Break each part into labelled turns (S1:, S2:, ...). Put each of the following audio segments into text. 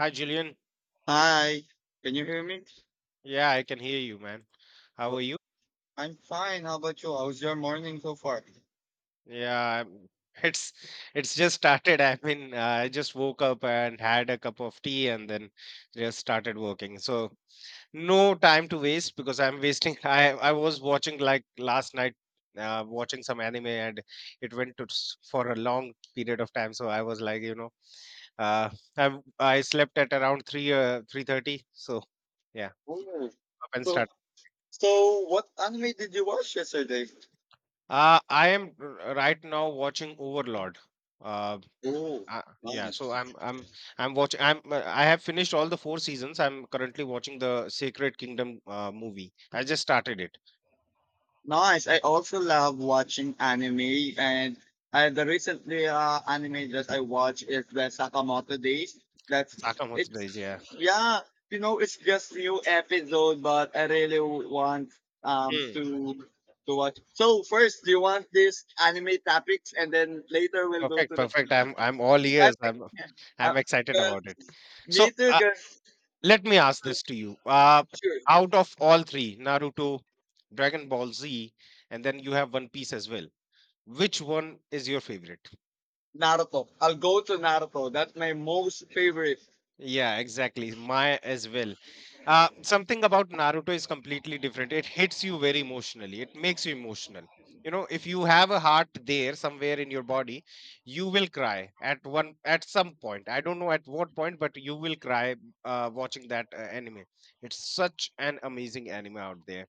S1: Hi, Julian.
S2: Hi, can you hear me?
S1: Yeah, I can hear you, man. How
S2: Well,
S1: are you?
S2: I'm fine. How about you? How's your morning so far?
S1: Yeah, I'm- it's it's just started. I mean, I just woke up and had a cup of tea and then just started working. So no time to waste because I'm wasting. I was watching like last night, watching some anime and it went for a long period of time. So I was like, uh, I slept at around 3:30. So yeah,
S2: Oh.
S1: up and
S2: So,
S1: started.
S2: so what anime did you watch yesterday?
S1: I am right now watching Overlord. Uh,
S2: Oh,
S1: yeah, so
S2: nice.
S1: I'm watching. I have finished all the four seasons. I'm currently watching the Sacred Kingdom movie. I just started it.
S2: Nice. I also love watching anime, and the recently anime that I watched is the Sakamoto Days. That's it.
S1: Sakamoto Days, yeah.
S2: Yeah, you know, it's just new episode, but I really want
S1: Hmm.
S2: to watch. So first, do you want this anime topics, and then later we'll go
S1: Perfect,
S2: to the.
S1: perfect. I'm all
S2: I
S1: ears.
S2: think, uh,
S1: I'm excited about it.
S2: 'cause-
S1: So
S2: me too, cause
S1: let me ask this to you.
S2: sure,
S1: Out of all three, Naruto, Dragon Ball Z, and then you have One Piece as well. Which one is your favorite?
S2: Naruto. I'll go to Naruto. That's my most favorite.
S1: Yeah, exactly. My as well. Something about Naruto is completely different. It hits you very emotionally. It makes you emotional. You know, if you have a heart there somewhere in your body, you will cry at one at some point. I don't know at what point, but you will cry watching that anime. It's such an amazing anime out there.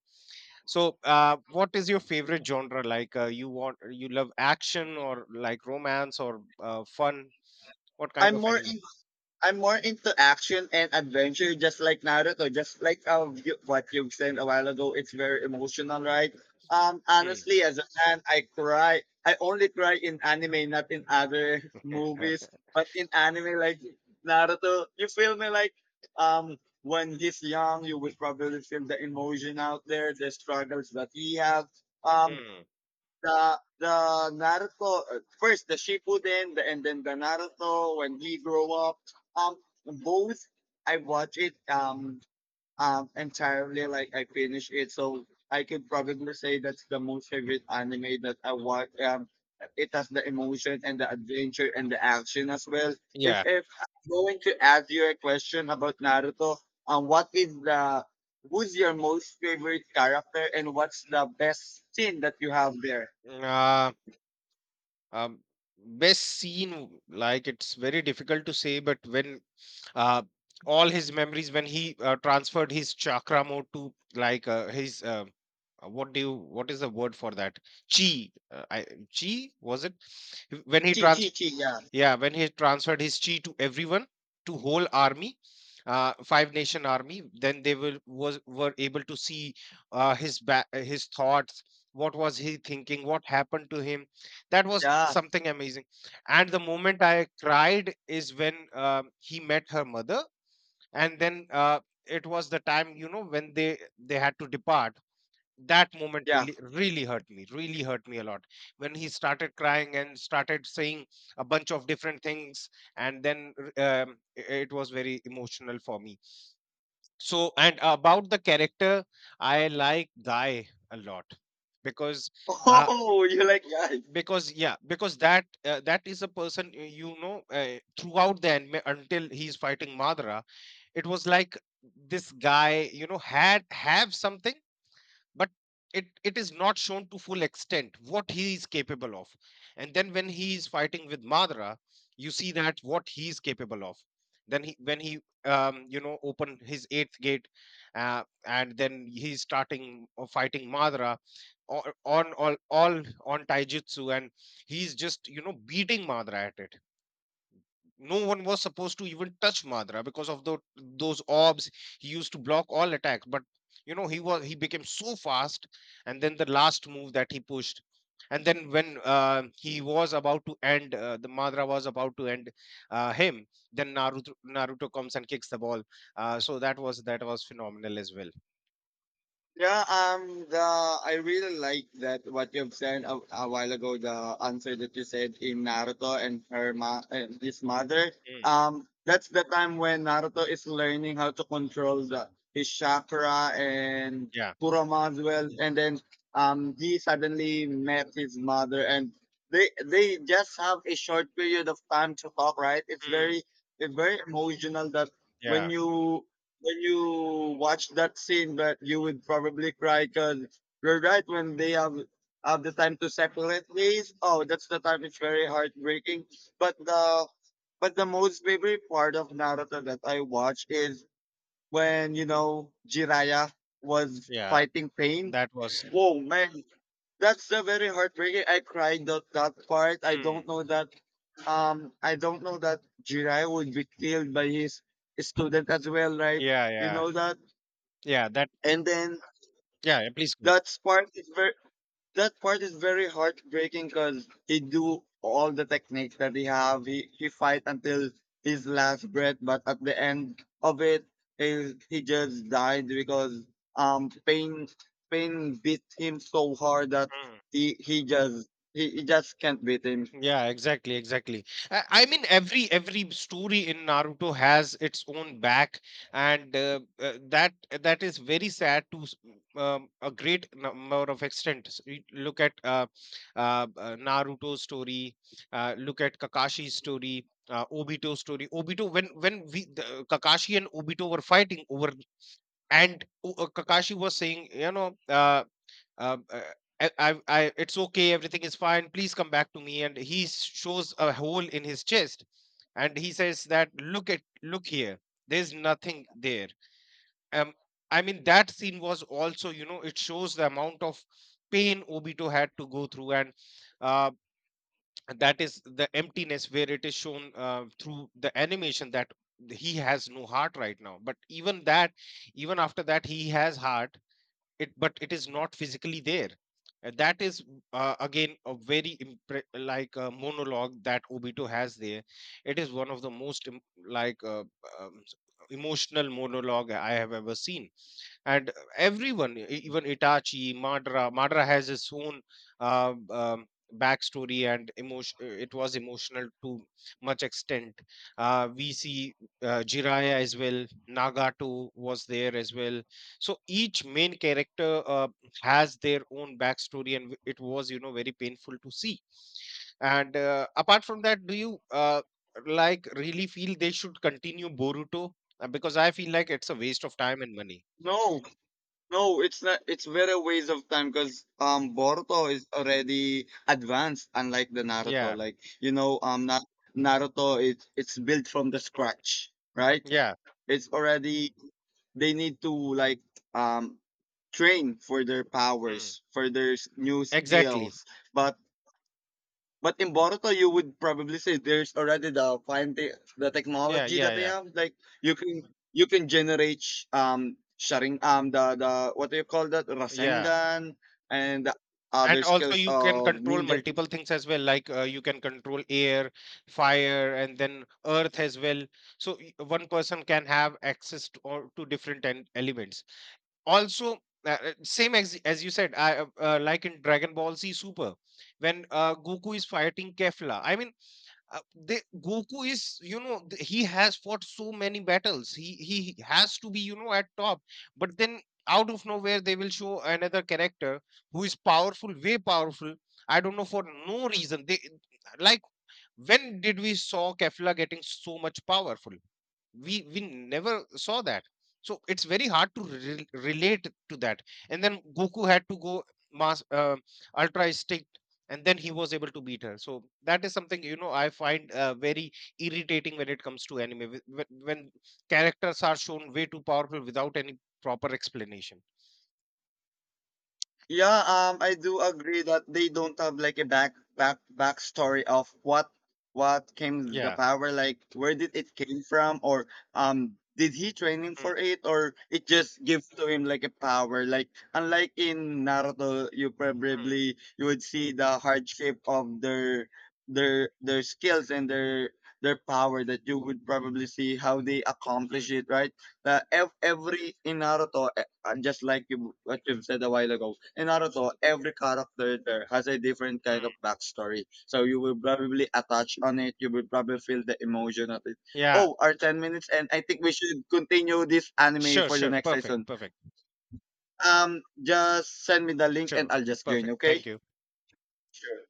S1: So, what is your favorite genre? Like, you love action, or like romance, or fun? What kind
S2: I'm
S1: of
S2: more
S1: anime?
S2: I'm more into action and adventure, just like Naruto, just like what you said a while ago. It's very emotional, right? Honestly, as a fan, I cry. I only cry in anime, not in other movies. But in anime, like Naruto, you feel me? Like, when he's young, you will probably feel the emotion out there, the struggles that he has. Um,
S1: Hmm.
S2: the the Naruto first the Shippuden the, and then the Naruto when he grew up. Um, Both I watch it entirely like I finish it, so I could probably say that's the most favorite anime that I watch. It has the emotion and the adventure and the action as well. If
S1: Yeah.
S2: if I'm going to ask you a question about Naruto, what is the who's your most favorite character and what's the best scene that you have there?
S1: Uh, um, best scene, like it's very difficult to say, but when uh, all his memories, when he transferred his chakra mode to, like, his what do you what is the word for that? Chi, chi, was it? When he transferred
S2: Yeah,
S1: Yeah, when he transferred his chi to everyone, to whole army, five nation army, then they will was were able to see his thoughts. What was he thinking? What happened to him? That was
S2: yeah,
S1: something amazing. And the moment I cried is when he met her mother, and then it was the time, you know, when they had to depart. That moment
S2: yeah.
S1: really, really hurt me, really hurt me a lot, when he started crying and started saying a bunch of different things, and then r- I- it was very emotional for me. So, and about the character, I like Guy a lot, because uh,
S2: Oh, you like guys.
S1: because, yeah, because that is a person, you know, throughout the anime until he's fighting Madara, it was like this guy, you know, had have something, but it is not shown to full extent what he is capable of. And then when he is fighting with Madra, you see that what he is capable of. Then he, when he open his eighth gate, and then he's starting or fighting Madra on all on taijutsu and he's just, beating Madra at it. No one was supposed to even touch Madra because of those orbs. He used to block all attacks, but, he was he became so fast, and then the last move that he pushed, and then when he was about to end, the Madra was about to end him. Then Naruto comes and kicks the ball. So that was phenomenal as well.
S2: Yeah, the I really like that what you've said a while ago. The answer that you said in Naruto and her ma and his mother.
S1: Mm,
S2: That's the time when Naruto is learning how to control the his chakra and
S1: yeah,
S2: Kurama as well. And then he suddenly met his mother, and they just have a short period of time to talk. Right?
S1: mm,
S2: It's very emotional that when
S1: yeah,
S2: you when you watch that scene that you would probably cry because you're right when they have the time to separate ways. Oh, that's the time, it's very heartbreaking. but the but the most favorite part of Naruto that I watch is when, you know, Jiraiya was
S1: yeah.
S2: fighting Pain.
S1: That was
S2: Whoa, man, that's the very heartbreaking. I cried that part. I
S1: Mm,
S2: don't know that, I don't know that Jiraiya would be killed by his student as well, right?
S1: yeah,
S2: You
S1: yeah,
S2: know that.
S1: yeah. That
S2: And then
S1: Yeah. Yeah, please go
S2: that part is very, heartbreaking because he do all the techniques that he have, he fight until his last breath, but at the end of it, he just died because um pain pain beat him so hard that
S1: ahead.
S2: he he just he just can't beat him.
S1: Yeah, exactly, exactly. I mean, every story in Naruto has its own back, and that is very sad to a great number of extent. You look at, Naruto's story. Look at Kakashi's story. Obito's story. Obito, when Kakashi and Obito were fighting over, and Kakashi was saying, um, uh, "it's okay, everything is fine, please come back to me." And he shows a hole in his chest, and he says that, look here, there's nothing there. Um, I mean, that scene was also, it shows the amount of pain Obito had to go through. And uh, that is the emptiness where it is shown, through the animation, that he has no heart right now. But even that, even after that, he has heart, it, but it is not physically there. That is, again, a very like a monologue that Obito has there. It is one of the most, like uh, um, s- emotional monologue I have ever seen. And everyone, even Itachi, Madara has his own uh, um, backstory and emotion. It was emotional to much extent. We see Jiraiya as well. Nagato was there as well. So each main character has their own backstory, and it was, very painful to see. And apart from that, do you like really feel they should continue Boruto? Because I feel like it's a waste of time and money.
S2: No, no, it's not. It's very waste of time because Boruto is already advanced, unlike the Naruto.
S1: Yeah.
S2: Like, you know, Naruto, it's built from the
S1: Mm.
S2: scratch, right?
S1: Yeah.
S2: It's already, they need to like um train for their powers,
S1: Mm.
S2: for their new skills.
S1: Exactly.
S2: But but in Boruto, you would probably say there's already the fine the
S1: Yeah.
S2: technology that
S1: Yeah.
S2: they
S1: Yeah.
S2: have. Like, you can generate sharing the what do you call that,
S1: Yeah.
S2: Rasengan and the other
S1: And also
S2: skills
S1: you can
S2: of
S1: control
S2: ninja.
S1: multiple things as well, like, you can control air, fire, and then earth as well. So one person can have access to different elements. Also, same as you said, I like in Dragon Ball Z Super, when Goku is fighting Kefla. I mean, Goku is, he has fought so many battles. He has to be, you know, at top. But then out of nowhere, they will show another character who is powerful, way powerful. I don't know for no reason. They Like, when did we saw Kefla getting so much powerful? We never saw that, so it's very hard to relate to that. And then Goku had to go mass ultra instinct, and then he was able to beat her. So that is something, I find very irritating when it comes to anime, when characters are shown way too powerful without any proper explanation.
S2: Yeah, I do agree that they don't have like a backstory of what came the
S1: Yeah.
S2: power, like where did it came from, or did he training
S1: Mm,
S2: for it, or it just gives to him like a power. Like, unlike in Naruto, you
S1: mm,
S2: probably you would see the hardship of their skills and their power that you would probably see how they accomplish
S1: mm,
S2: it, right? Every in Naruto, and just like you what you've said a while ago, in Naruto, every character there has a different kind
S1: mm.
S2: of backstory. So you will probably attach on it. You will probably feel the emotion of it.
S1: Yeah,
S2: Oh, our 10 minutes, and I think we should continue this anime
S1: sure,
S2: for the
S1: sure,
S2: next
S1: perfect,
S2: season.
S1: perfect.
S2: Just send me the link and
S1: Sure,
S2: I'll just join.
S1: perfect,
S2: Okay.
S1: thank you.
S2: Sure.